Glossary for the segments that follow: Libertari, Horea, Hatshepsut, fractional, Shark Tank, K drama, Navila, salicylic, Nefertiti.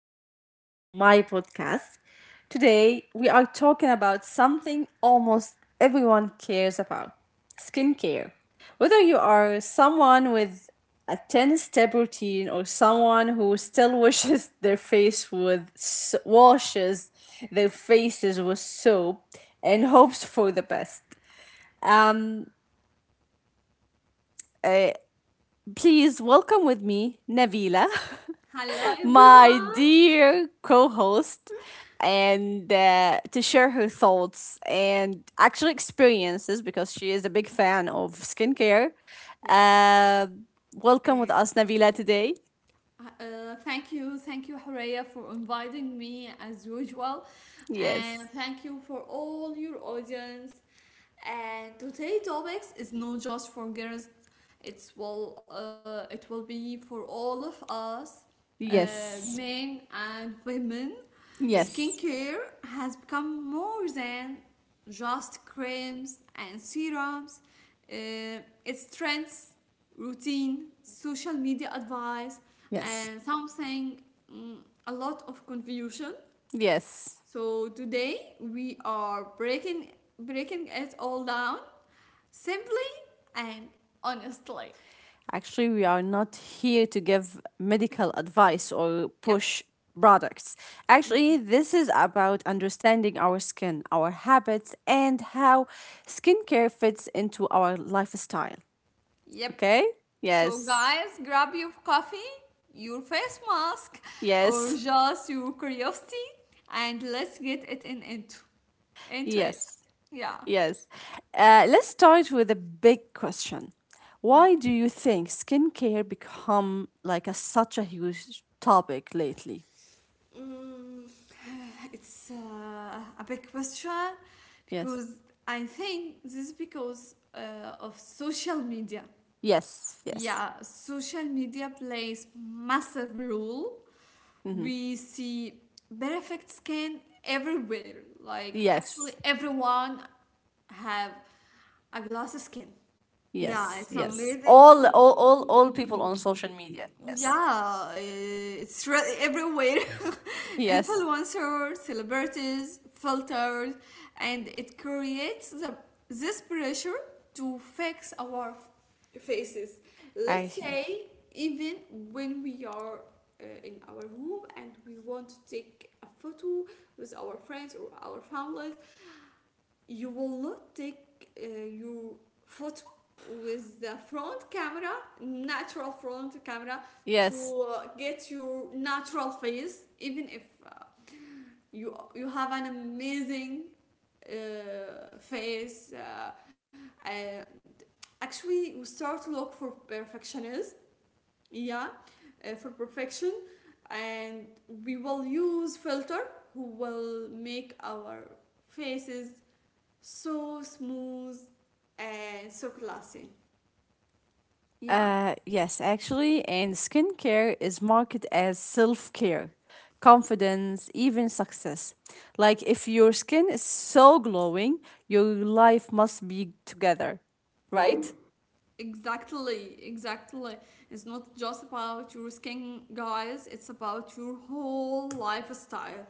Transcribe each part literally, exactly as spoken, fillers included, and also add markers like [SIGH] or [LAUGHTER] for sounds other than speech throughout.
back to my podcast. Today, we are talking about something almost everyone cares about skincare. Whether you are someone with a ten step routine or someone who still washes [LAUGHS] their face with s- washes their faces with soap and hopes for the best. Um, uh, please welcome with me Navila. Hello, [LAUGHS] my everyone. dear co-host, and uh, to share her thoughts and actual experiences because she is a big fan of skincare. Yeah. Uh, Uh, welcome with us, Navila, today. uh, thank you, thank you, Horea, for inviting me as usual, and Yes. thank you for all your audience. And today topics is not just for girls; it's will uh, it will be for all of us, uh, Yes. men and women. Yes. Skincare has become more than just creams and serums. Uh, it's trends routine, social media advice, Yes. and something mm, a lot of confusion. Yes. So today we are breaking breaking it all down simply and honestly. Actually, we are not here to give medical advice or Yep. push products. Actually, this is about understanding our skin, our habits, and how skincare fits into our lifestyle. Yep. Okay? So Yes. guys, grab your coffee, your face mask, or Yes. just your curiosity, and let's get it in into into it. Yes. Yeah. Yes. Uh, let's start with a big question. Why do you think skincare become like a, such a huge topic lately? Mm, [SIGHS] it's uh, a big question Yes. because I think this is because uh, of social media. Yes. Yes. Yeah, social media plays massive role. Hmm. We see perfect skin everywhere. Like Yes. actually, everyone have a glass skin. Yeah, Yes, it's yes. amazing. All, all, all, all people on social media. Yes. Yeah, eh, it's re- everywhere. [LAUGHS] Yes. Influencers, celebrities, filters, and it creates the, this pressure to fix our f- faces. I Let's yes. say, even when we are uh, in our room and we want to take a photo with our friends or our family, you will not take uh, your photo with the front camera, natural front camera, Yes. to uh, get your natural face, even if uh, you you have an amazing uh, face. Uh, and actually we start to look for perfectionism, yeah uh, for perfection, and we will use filter who will make our faces so smooth and so classy. Yeah. Uh yes, actually, and skincare is marketed as self-care, confidence, even success. Like if your skin is so glowing, your life must be together, Yeah, right? exactly, exactly. It's not just about your skin, guys, it's about your whole lifestyle.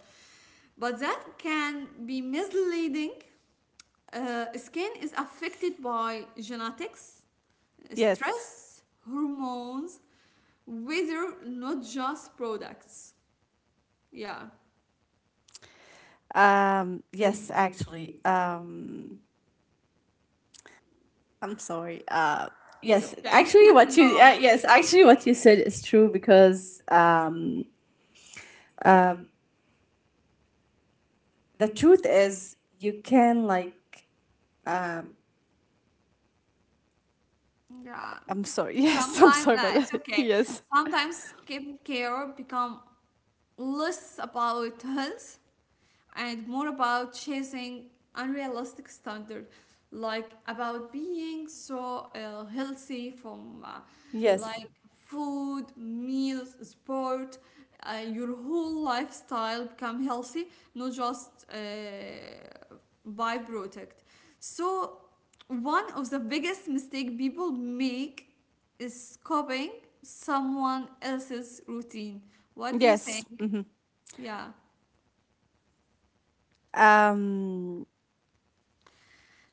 But that can be misleading. Uh, skin is affected by genetics, Yes. stress, hormones, weather, not just products. Yeah, Um yes, actually. Um I'm sorry. Uh, it's yes, okay. actually, what [LAUGHS] Go you on. uh, yes, actually, what you said is true because um, the truth is you can like. Yeah. I'm sorry. [LAUGHS] Yes, I'm Sometimes sorry nah, about it's that. [LAUGHS] okay. Yes, Sometimes skincare become less about health and more about chasing unrealistic standard, like about being so uh, healthy from uh, yes, like food meals sport, uh, your whole lifestyle become healthy, not just uh, byproduct. So one of the biggest mistake people make is copying someone else's routine. What do you yes. think? Hmm. Yeah. Um,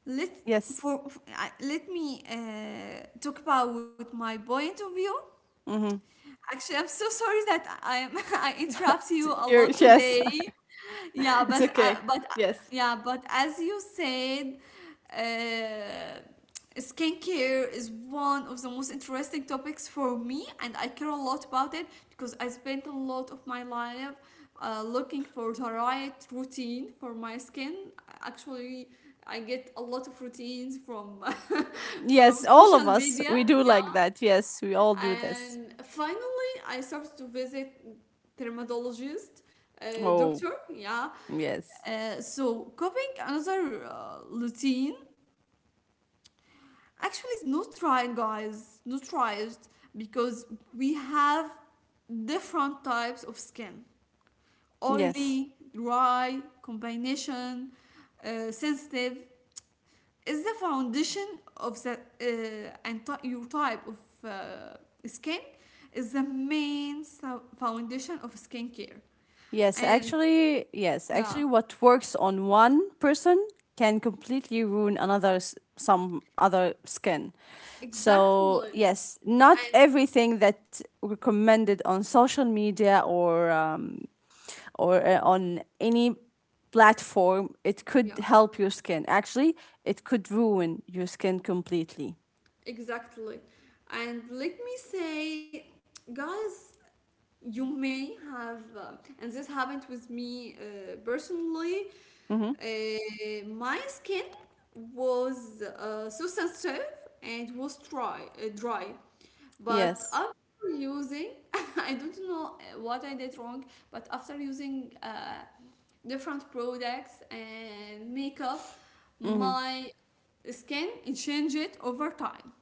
Let yes. for f- I- let me uh, talk about my point of view. Hmm. Actually, I'm so [LAUGHS] sorry that I am [LAUGHS] I interrupt you a [LAUGHS] You're, lot yes, today. Yeah, [LAUGHS] it's but okay. uh, but uh, Yes, yeah, but as you said, uh, skincare is one of the most interesting topics for me, and I care a lot about it because I spent a lot of my life uh, looking for the right routine for my skin. Actually, I get a lot of routines from [LAUGHS] from yes. All social of us, media. we do Yeah, like that. Yes, we all do this. and finally, I started to visit dermatologist, uh, Oh, doctor. Yeah, yes, uh, so copying another uh, routine actually is not right, guys. Not right because we have different types of skin: yes. oily, dry, combination, uh, sensitive. Is the foundation of the uh, and ty- your type of uh, skin is the main so- foundation of skincare. Yes, And actually, yes, yeah, actually, what works on one person can completely ruin another s- some other skin. So, exactly. yes, not And everything that recommended on social media or um, or uh, on any platform, it yeah. could help your skin. Actually, it could ruin your skin completely. Exactly. And let me say, guys, you may have, uh, and this happened with me uh, personally. Mm-hmm. Uh, my skin was uh, so sensitive and was dry, uh, dry. But Yes. after using, [LAUGHS] I don't know uh, what I did wrong, but after using uh, different products and makeup, Mm-hmm. my skin it changed over time.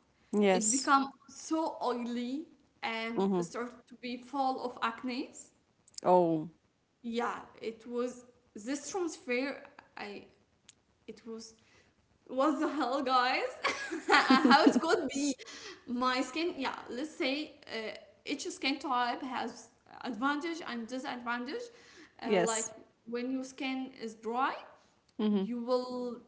It Yes. become so oily and Mm-hmm. start to be full of acne. Oh, Yeah, it was this transfer. I it was what the hell, guys? [LAUGHS] How it could be? My skin, yeah. Let's say uh, each skin type has advantage and disadvantage. Uh, like yes. when your skin is dry, Mm-hmm. you will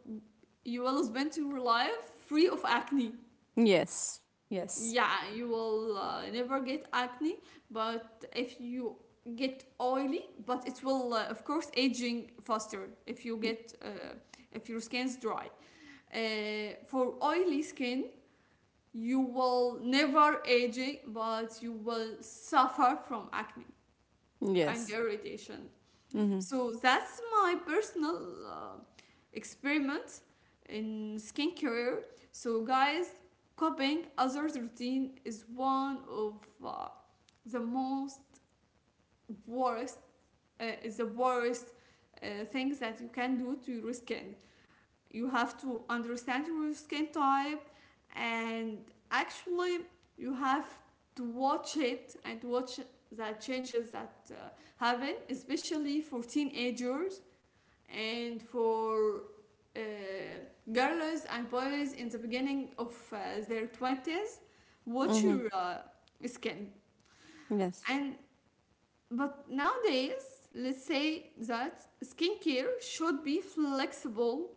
you will spend your life free of acne. Yes. Yes. Yeah, you will uh, never get acne. But if you get oily, but it will uh, of course aging faster if you get uh, if your skin's dry. Uh, for oily skin, you will never aging, but you will suffer from acne and Yes. irritation. Mm-hmm. So that's my personal uh, experiment in skincare. So guys, copying others' routine is one of uh, the most worst, uh, is the worst uh, things that you can do to your skin. You have to understand your skin type. And actually, you have to watch it and watch the changes that uh, happen, especially for teenagers and for uh, girls and boys in the beginning of uh, their twenties. Watch Mm-hmm. your uh, skin. Yes. And but nowadays, let's say that skincare should be flexible,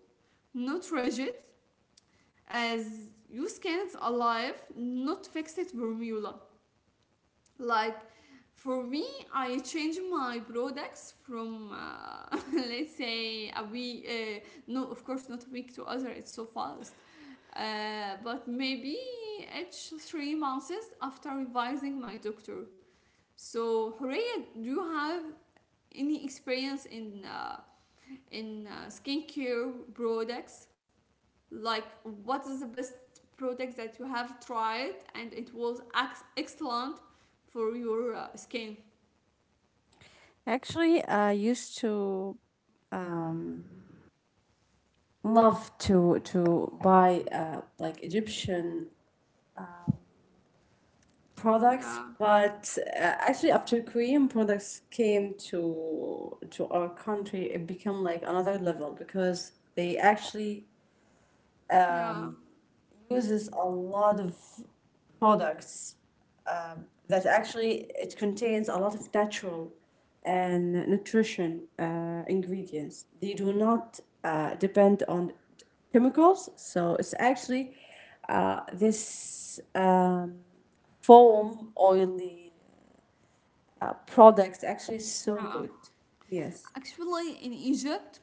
not rigid, as your skin is alive, not fixed formula. Like for me, I change my products from uh, [LAUGHS] let's say a week. Uh, no, of course not a week to other. It's so fast. Uh, but maybe each three months after revising my doctor. So Horea, do you have any experience in uh, in uh, skincare products? Like what is the best product that you have tried and it was ex- excellent for your uh, skin? Actually, I used to um, love to to buy uh, like Egyptian products, Yeah, but uh, actually after Korean products came to to our country, it became like another level because they actually yeah, uses a lot of products um, that actually it contains a lot of natural and nutrition uh, ingredients. They do not uh, depend on chemicals, so it's actually uh, this um, foam oily uh, products actually so yeah. good. Yes. Actually, in Egypt,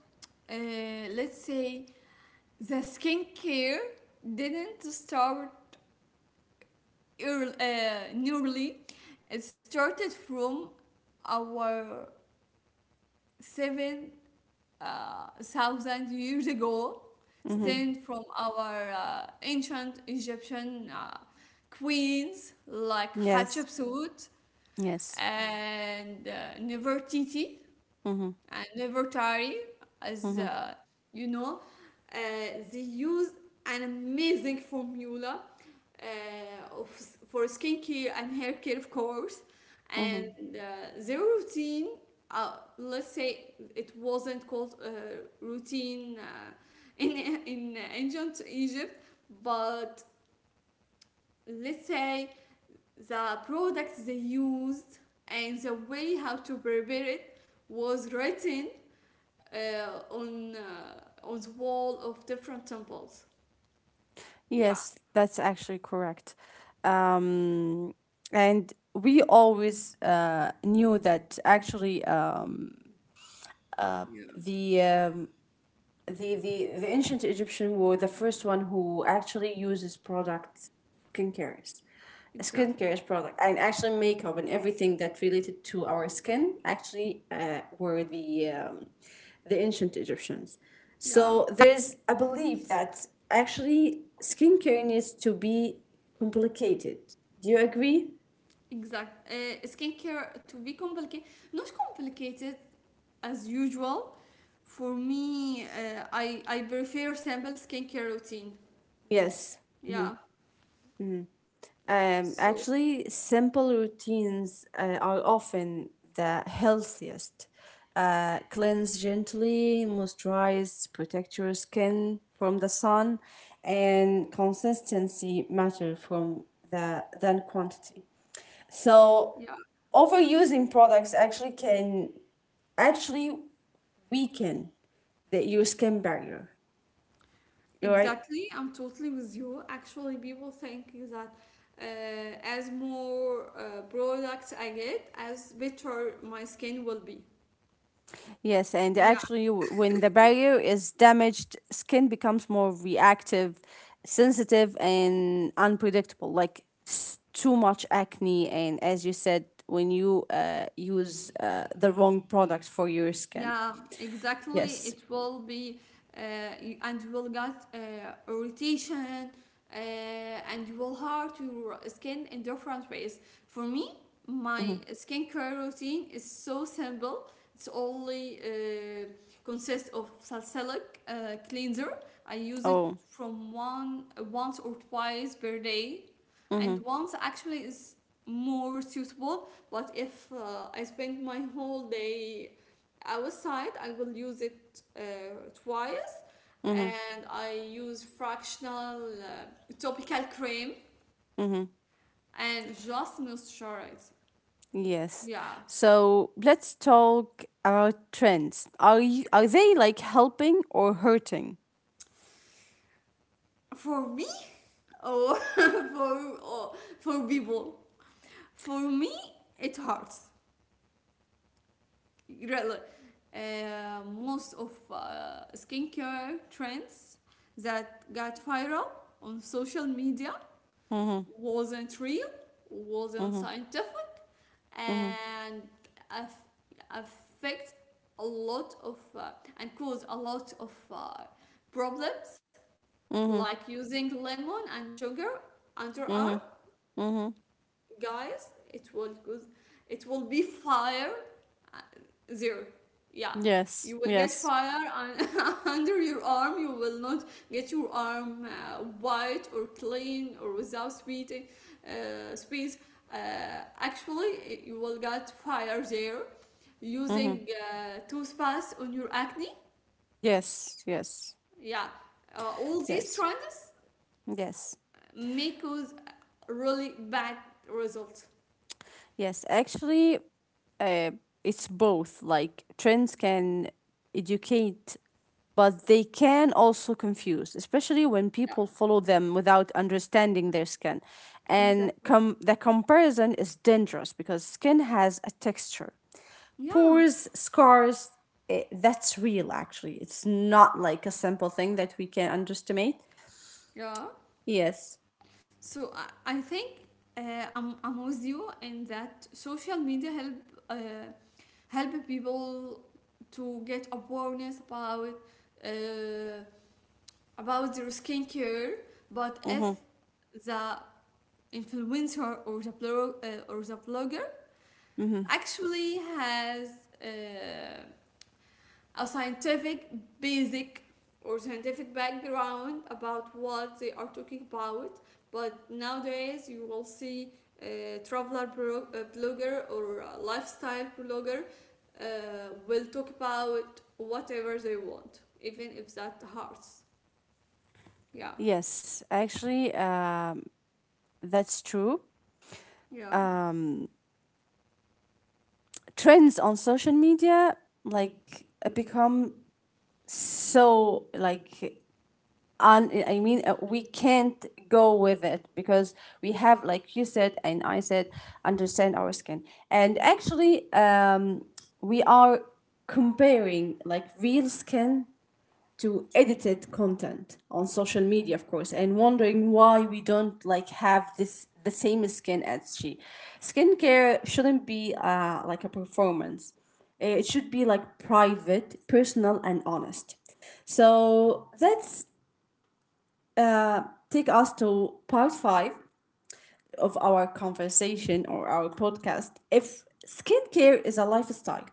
uh, let's say the skincare didn't start early, uh, nearly. It started from our seven uh, thousand years ago, Mm-hmm. stemmed from our uh, ancient Egyptian uh, queens like Yes. Hatshepsut Yes. and uh, Nefertiti Mm-hmm. and Libertari, as Mm-hmm. uh, you know, uh, they use an amazing formula uh, of, for skincare and hair care, of course. And Mm-hmm. uh, their routine, uh, let's say it wasn't called uh, routine uh, [LAUGHS] in, in ancient Egypt, but let's say the products they used and the way how to prepare it was written uh, on uh, on the wall of different temples. Yeah. Yes, that's actually correct. Um, and we always uh, knew that actually um, uh, Yeah, the um, the, the the ancient Egyptian were the first one who actually uses products, skincare, exactly. skincare is product, and actually makeup and everything that related to our skin actually uh, were the um, the ancient Egyptians. Yeah, So there's a belief that actually skincare needs to be complicated. Do you agree? exact. Uh, skincare to be complicated, not complicated as usual. For me, uh, I I prefer simple skincare routine. Yes. Yeah. Um, So actually, simple routines uh, are often the healthiest. Uh, cleanse gently, moisturize, protect your skin from the sun, and consistency matter from the than quantity. yeah, So, overusing products actually can actually weaken the, your skin barrier, right? exactly. I'm totally with you. Actually, people think that. Uh, as more uh, products I get, as better my skin will be. Yes, and Yeah. actually, w- when the barrier is damaged, skin becomes more reactive, sensitive, and unpredictable. Like s- too much acne, and as you said, when you uh, use uh, the wrong product for your skin. Yeah, exactly. Yes. It will be, uh, you- and you will get uh, irritation, uh, and you will hurt your skin in different ways. For me, Hmm. my skincare routine is so simple. It's only uh, consists of salicylic uh, cleanser. I use it Oh. from one once or twice per day, and Mm-hmm. once actually is more suitable. But if uh, I spend my whole day outside, I will use it uh, twice. Mm-hmm. And I use fractional uh, topical cream Mm-hmm. and just moisturize. Yes. Yeah. So let's talk about trends. Are you, are they like helping or hurting? For me? Or [LAUGHS] for? Or for people? For me, it hurts really. Uh, most of uh, skincare trends that got viral on social media Mm-hmm. wasn't real, wasn't Mm-hmm. scientific, Mm-hmm. and aff- affect a lot of, uh, and cause a lot of, uh, problems, Mm-hmm. like using lemon and sugar under underarm. Mm-hmm. Mm-hmm. Guys, it will cause it will be fire, uh, zero. Yeah, Yes, you will get yes. fire. [LAUGHS] Un- under your arm, you will not get your arm uh, white or clean or without sweating uh, space. Uh, actually you will get fire there, Mm-hmm. using uh, toothpaste on your acne. Yes, yes, Yeah, uh, all these yes, trends yes, make us really bad results. yes. Actually, uh, it's both. Like, trends can educate, but they can also confuse, especially when Yeah, people follow them without understanding their skin. And exactly. com- the comparison is dangerous because skin has a texture Yeah, pores, scars, eh, that's real actually. It's not like a simple thing that we can underestimate. yeah. Yes. So I, I think uh, I'm, I'm with you in that social media help uh, help people to get awareness about uh, about their skincare. But if Mm-hmm. the influencer or the blog, uh, or the blogger Mm-hmm. actually has uh, a scientific basic or scientific background about what they are talking about. But nowadays you will see a traveler bro- uh, blogger or a lifestyle blogger uh, will talk about whatever they want, even if that hurts. Yeah. Yes, actually, um, that's true. Yeah. Um, trends on social media like uh, become so like un- I mean, uh, we can't go with it because we have, like you said and I said, understand our skin. And actually, um, we are comparing like real skin to edited content on social media, of course, and wondering why we don't like have this the same skin as she. Skincare shouldn't be uh, like a performance, it should be like private, personal, and honest. So let's uh, take us to part five of our conversation or our podcast. If skincare is a lifestyle,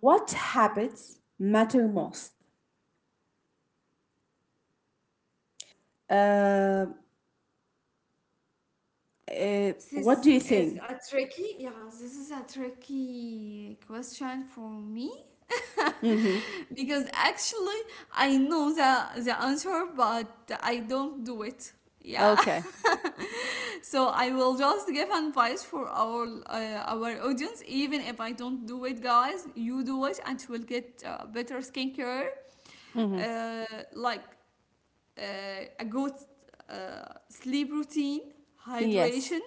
what habits matter most? uh, Uh, what do you think? a tricky yeah This is a tricky question for me. Because actually, I know the, the answer, but I don't do it. Yeah, Okay. [LAUGHS] so I will just give advice for our uh, our audience. Even if I don't do it, guys, you do it, and you will get uh, better skincare, uh, like uh, a good uh, sleep routine, Yes. hydration,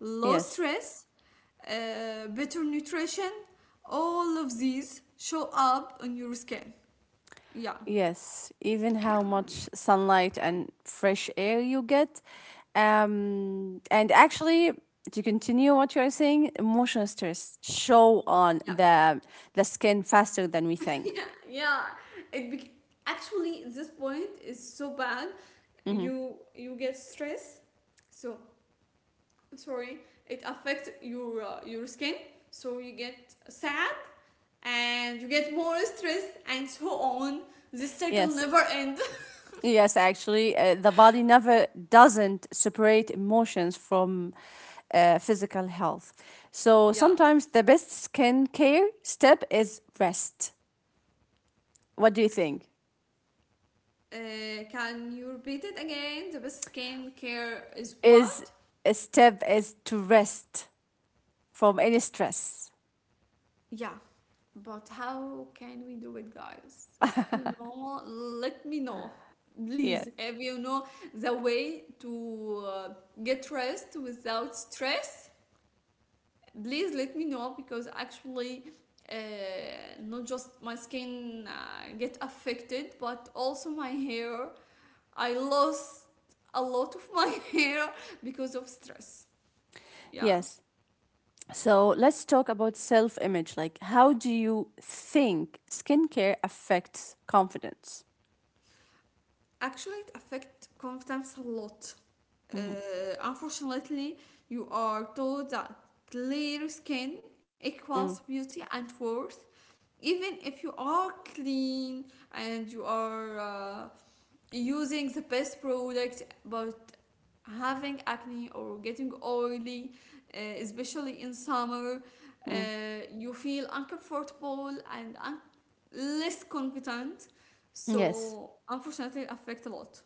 low Yes. stress, uh, better nutrition. All of these show up on your skin. Yeah. Yes. Even how much sunlight and fresh air you get. Um, and actually, to continue what you're saying, emotional stress show on Yeah. the the skin faster than we think. Yeah. it bec- Actually this point is so bad. You you get stress, so, sorry, it affects your uh, your skin, so you get sad, and you get more stressed, and so on. This circle Yes. never ends. Yes, actually, uh, the body never doesn't separate emotions from uh, physical health. So [LAUGHS] Yeah. sometimes the best skin care step is rest. What do you think? Uh, can you repeat it again? The best skin care is Is what? a step is to rest from any stress. Yeah. But how can we do it, guys? If you know, let me know. Please, Yeah. if you know the way to uh, get rest without stress, please let me know because actually, uh, not just my skin uh, get affected, but also my hair. I lost a lot of my [LAUGHS] hair because of stress. Yeah. Yes. So let's talk about self image. Like, how do you think skincare affects confidence? Actually, it affects confidence a lot. Uh, Mm-hmm. unfortunately, you are told that clear skin equals Mm, beauty and worth, even if you are clean and you are uh, using the best product but having acne or getting oily, uh, especially in summer, uh, mm. you feel uncomfortable and un- less confident. Yes. So unfortunately affect a lot.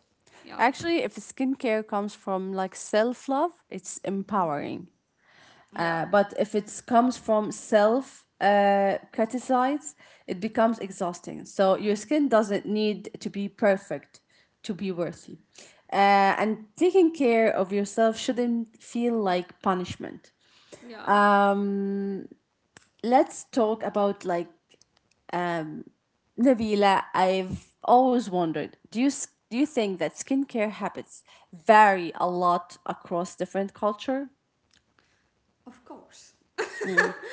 Yeah, Actually, if skincare comes from like self love, it's empowering. yeah, But if it comes from self uh, criticize, it becomes exhausting. So your skin doesn't need to be perfect to be worthy. Uh, and taking care of yourself shouldn't feel like punishment. yeah. Um, let's talk about like Nabila. I've always wondered, do you s- do you think that skincare habits vary a lot across different culture? Of course,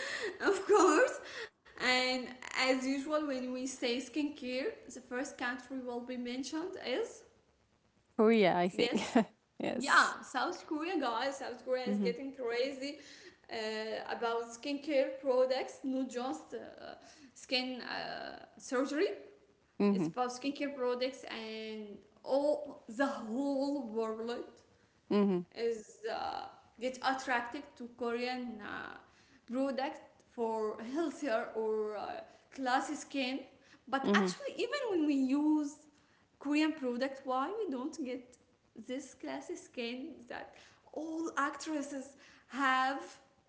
[LAUGHS] of course. And as usual, when we say skincare, the first country will be mentioned is... Korea, I think. Yes. [LAUGHS] yes. Yeah, South Korea, guys, South Korea is getting crazy, uh, about skincare products, not just uh, skin uh, surgery. It's about skincare products and all the whole world Mm-hmm. is uh, get attracted to Korean uh, product for healthier or uh, classy skin. But Mm-hmm. actually, even when we use Korean product, why we don't get this classy skin that all actresses have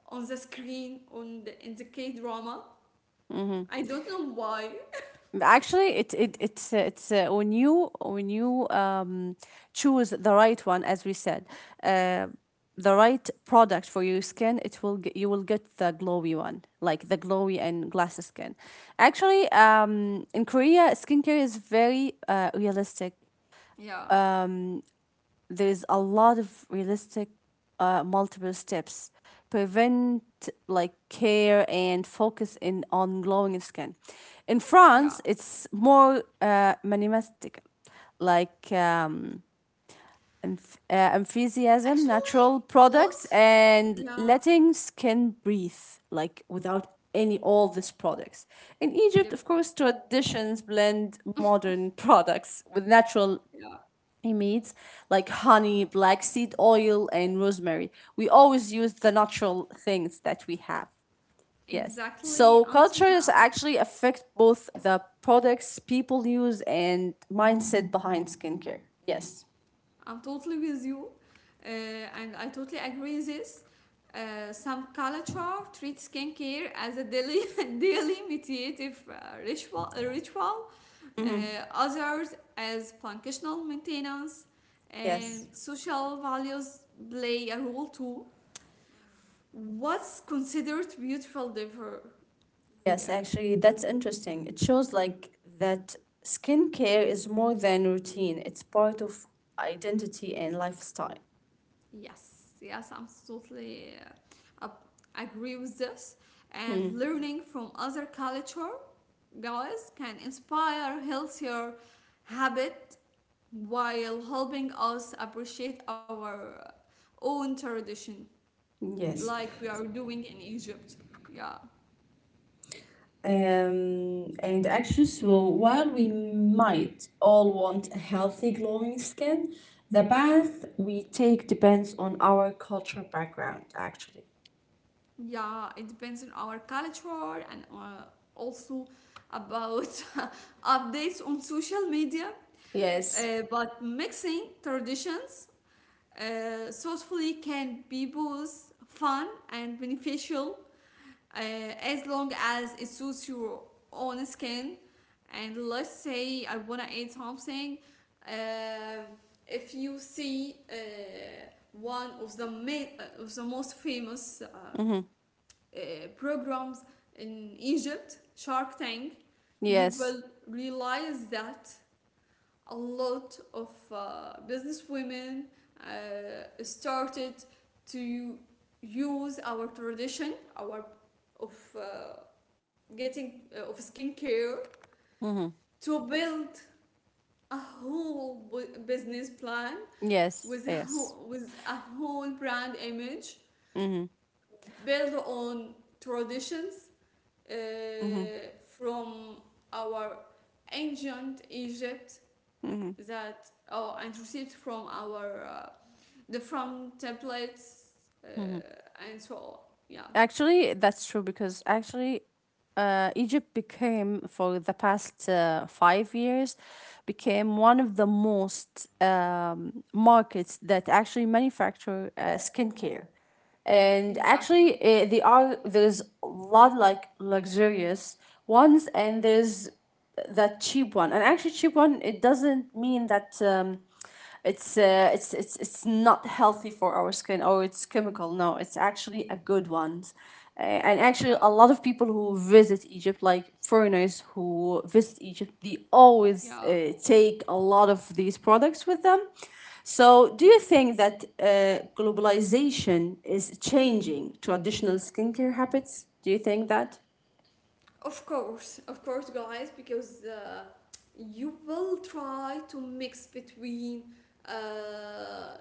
on the screen on the, in the K drama? Mm-hmm. I don't know why. Actually, it, it it's uh, it's uh, when you when you um, choose the right one, as we said, uh, the right product for your skin, it will get, you will get the glowy one, like the glowy and glassy skin. Actually, um, in Korea, skincare is very uh, realistic. Yeah, There is a lot of realistic uh, multiple steps prevent, like care and focus in on glowing skin. In yeah. France it's more uh, minimalistic, like um, enth- uh, enthusiasm Actually, natural a lot. products and Yeah. letting skin breathe, like without any all these products. In Egypt, Yep. of course, traditions blend modern products with natural Yeah. amid like honey, black seed oil, and rosemary. We always use the natural things that we have. Yes. Exactly. So Until cultures now. actually affect both the products people use and mindset behind skincare. Yes. I'm totally with you, uh, and I totally agree with this. Uh, some culture treats skincare as a daily [LAUGHS] daily meditative uh, ritual, uh, ritual uh, others as functional maintenance, Yes. and social values play a role too. What's considered beautiful differ? Yes, Yeah. actually, that's interesting. It shows like that skincare is more than routine, it's part of identity and lifestyle. Yes. Yes. I'm totally uh, up- agree with this. And learning from other culture, guys, can inspire healthier habit while helping us appreciate our own tradition, Yes. like we are doing in Egypt. Yeah. Um, and actually, so while we might all want a healthy, glowing skin, the path we take depends on our cultural background, actually. Yeah, it depends on our culture and uh, also about [LAUGHS] updates on social media. Yes. Uh, but mixing traditions uh, thoughtfully can be both fun and beneficial uh, as long as it suits your own skin. And let's say I wanna eat something. Uh, if you see uh, one of the main, uh, of the most famous uh, uh, Mm-hmm. programs in Egypt, Shark Tank, you Yes. will realize that a lot of uh, business women uh, started to use our tradition, our of uh, getting uh, of skincare Mm-hmm. to build a whole business plan Yes. with a Yes. whole, with a whole brand image Mm-hmm. built on traditions uh, from our ancient Egypt that oh and received from our uh, the front templates, uh, and so on. Yeah. Actually, that's true because actually, uh, Egypt became for the past uh, five years, became one of the most um, markets that actually manufacture uh, skincare, and Exactly. actually uh, they are there's a lot like luxurious ones, and there's that cheap one, and actually cheap one it doesn't mean that um, it's uh, it's it's it's not healthy for our skin or it's chemical, no, it's actually a good one. Uh, and actually Yeah. a lot of people who visit Egypt, like foreigners who visit Egypt, they always Yeah. uh, take a lot of these products with them. So do you think that uh, globalization is changing traditional skincare habits? Do you think that? Of course, of course, guys, because uh, you will try to mix between uh,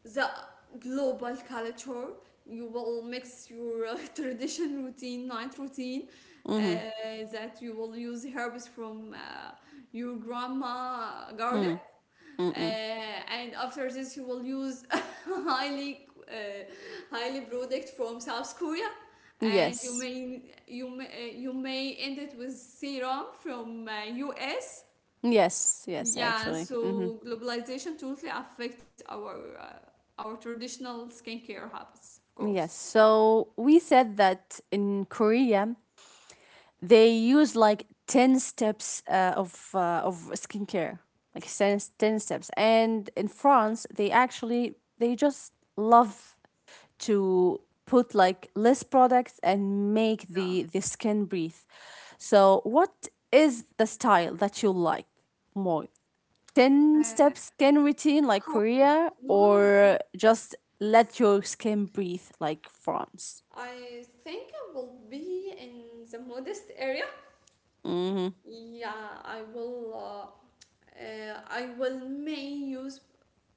the global culture. You will mix your uh, [LAUGHS] tradition routine, night routine, uh, that you will use herbs from uh, your grandma garden. uh, and after this you will use [LAUGHS] highly uh, highly product from South Korea and you Yes. may you may uh, you may end it with serum from uh, U S. Yes, yes, Yeah, actually. Hmm. so globalization totally affect our uh, our traditional skincare habits, of course. Yes. So we said that in Korea they use like ten steps uh, of uh, of skincare, like ten, ten steps. And in France they actually they just love to put like less products and make Yeah. the the skin breathe. So what is the style that you like more? ten uh, step skin routine of like course. Korea, No, no, or no. just let your skin breathe like France? I think I will be in the modest area. Hmm. Yeah, I will. Uh, uh, I will may use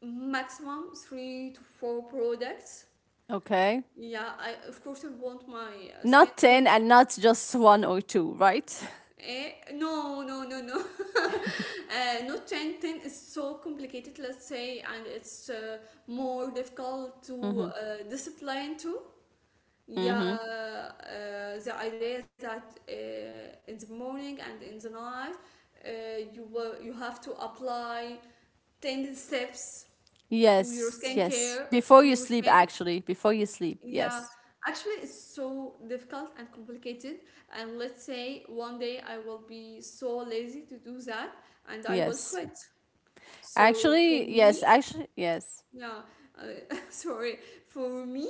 maximum three to four products. Okay. Yeah, I of course I want my uh, skin Not ten to. and not just one or two, right? Eh, no, no, no, no. [LAUGHS] uh, not ten, ten is so complicated, let's say, and it's uh, more difficult [LAUGHS] to Hmm. uh, discipline too. Yeah, Hmm. uh, the idea that uh, in the morning and in the night, uh, you will you have to apply ten steps to your Yes, yes. skincare, Before to you your sleep, skin. actually. Before you sleep, Yeah, yes. actually, it's so difficult and complicated. And let's say one day I will be so lazy to do that and I will Yes. quit. So for Actually, me, yes. Actually, yes. yeah, uh, [LAUGHS] sorry, for me,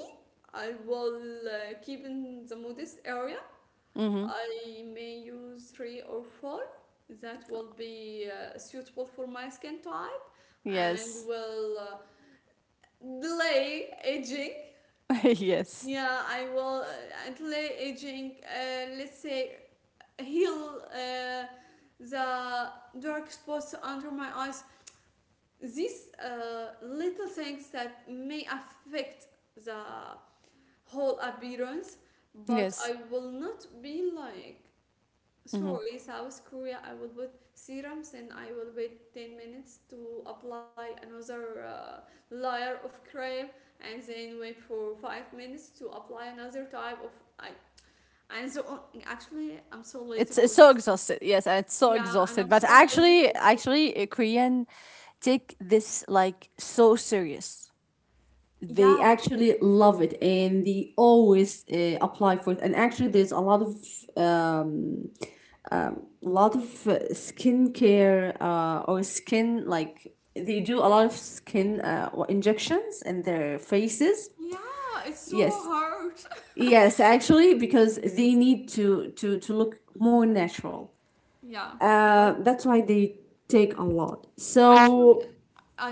I will uh, keep in the modest area. Hmm. I may use three or four that will be uh, suitable for my skin type and Yes. will uh, delay aging. [LAUGHS] yes. Yeah, I will uh, delay aging, uh, let's say, heal uh, the dark spots under my eyes, these uh, little things that may affect the whole appearance, but Yes. I will not be like, Mm-hmm. sorry, South Korea, I will put serums and I will wait ten minutes to apply another uh, layer of cream, and then wait for five minutes to apply another type of eye. And so on. Actually, I'm so lazy It's, for it's so this. exhausted. Yes, and it's so Yeah, and exhausted. I'm But so lazy for actually, this. actually, uh, Korean take this like so serious. They Yeah. actually love it and they always uh, apply for it. And actually, there's a lot of uh, lot of uh, skincare uh, or skin like they do a lot of skin uh, injections in their faces. Yeah, it's Yes, so hard. yes, actually, because they need to to to look more natural. [LAUGHS] yeah, Uh, but that's why they take a lot. So actually,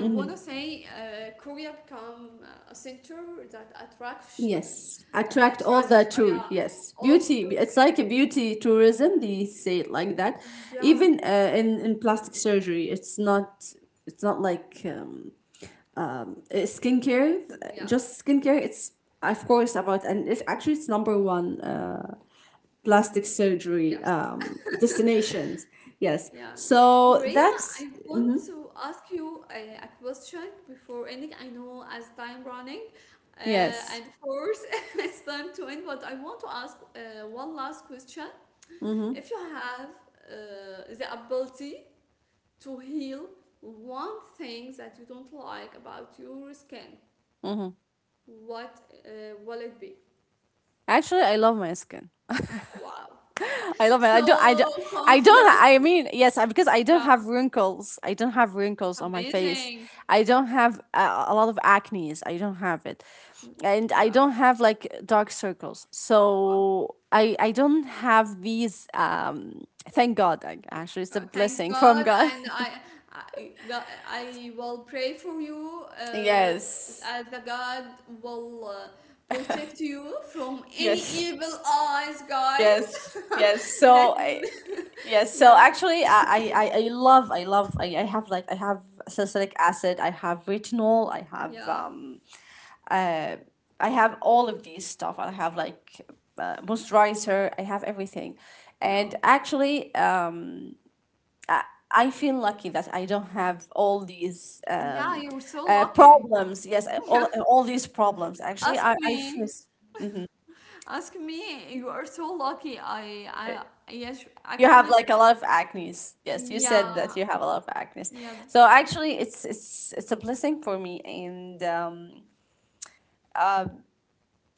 I wanna say uh, Korea become uh, a center that attracts, yes, uh, attract all the attract, tour. uh, yeah, Yes, beauty. also. It's like a beauty tourism. They say it like that. Even Yeah, uh, in in plastic surgery, it's not. It's not like um, um, uh, skincare. yeah, Just skincare. It's of course about, and it actually it's number one. Uh, plastic surgery yes, um, destinations. Yes. yeah. So Horea, that's I want mm-hmm, to ask you a, a question before ending. I know as time running, uh, yes. and of course [LAUGHS] it's time to end, but I want to ask uh, one last question. If you have uh, the ability to heal one thing that you don't like about your skin, what uh, will it be? Actually, I love my skin. Wow, I love it. I don't. I so don't. [LAUGHS] I don't. confident. I mean, yes, I- because I don't Yeah, have wrinkles. I don't have it's wrinkles on my face. amazing. I don't have a, a lot of acne's. I don't have it, and I Yeah. don't have like dark circles. So I I don't have these. Um, thank God. I, actually, it's a Uh, thanks blessing from God, God. and I, I, God, I will pray for you [LAUGHS] uh, yes. as the God will uh, protect you from any Yes. evil eyes, guys. Yes, [LAUGHS] yes. that, So I, yes, [LAUGHS] so yeah, actually I, I I I love I love I, I have like I have salicylic acid, I have retinol, I have yeah, um I have all of these stuff. I have like uh, moisturizer, I have everything. yeah, And actually um I, I feel lucky that I don't have all these yeah. um You're so uh, lucky. [LAUGHS] problems. Yes, I- Yeah, all all these problems. Actually, ask I I me, feel. ask me. You are so lucky. I, I, yes, You have actually, like a lot of acnes. Yes, you yeah, said that you have a lot of acnes. yep, So actually, it's it's it's a blessing for me, and um,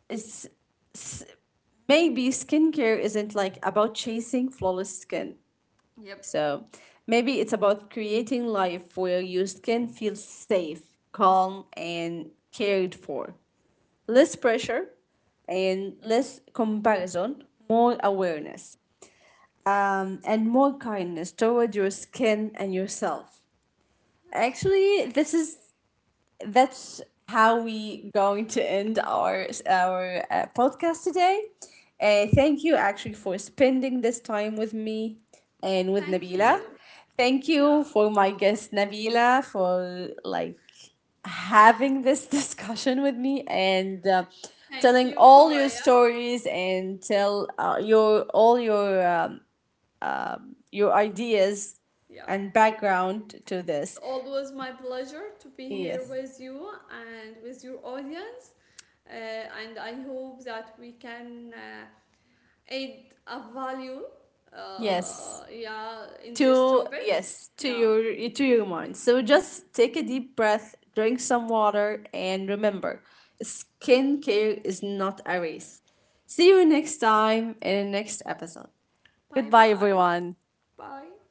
it's, s maybe skincare isn't like about chasing flawless skin. yep. So maybe it's about creating life where your skin feels safe, calm, and cared for. Less pressure, and less comparison, more awareness, um, and more kindness toward your skin and yourself. Actually, this is that's how we going to end our our uh, podcast today. Uh, thank you actually for spending this time with me and with Thank you. Nabila. Thank Yeah, you for my guest Nabila for like having this [LAUGHS] discussion with me and uh, thank telling you, all your Haraya. stories, and tell uh, your all your um, um, your ideas Yeah. and background to It's this. always my pleasure to be here Yes. with you and with your audience. Uh, and I hope that we can uh, add a value, Yes. uh, yeah, in this To topic. yes, to Yeah. your to your mind. So just take a deep breath, drink some water, and remember, skincare is not a race. See you next time in the next episode. Bye Goodbye, bye. everyone. Bye.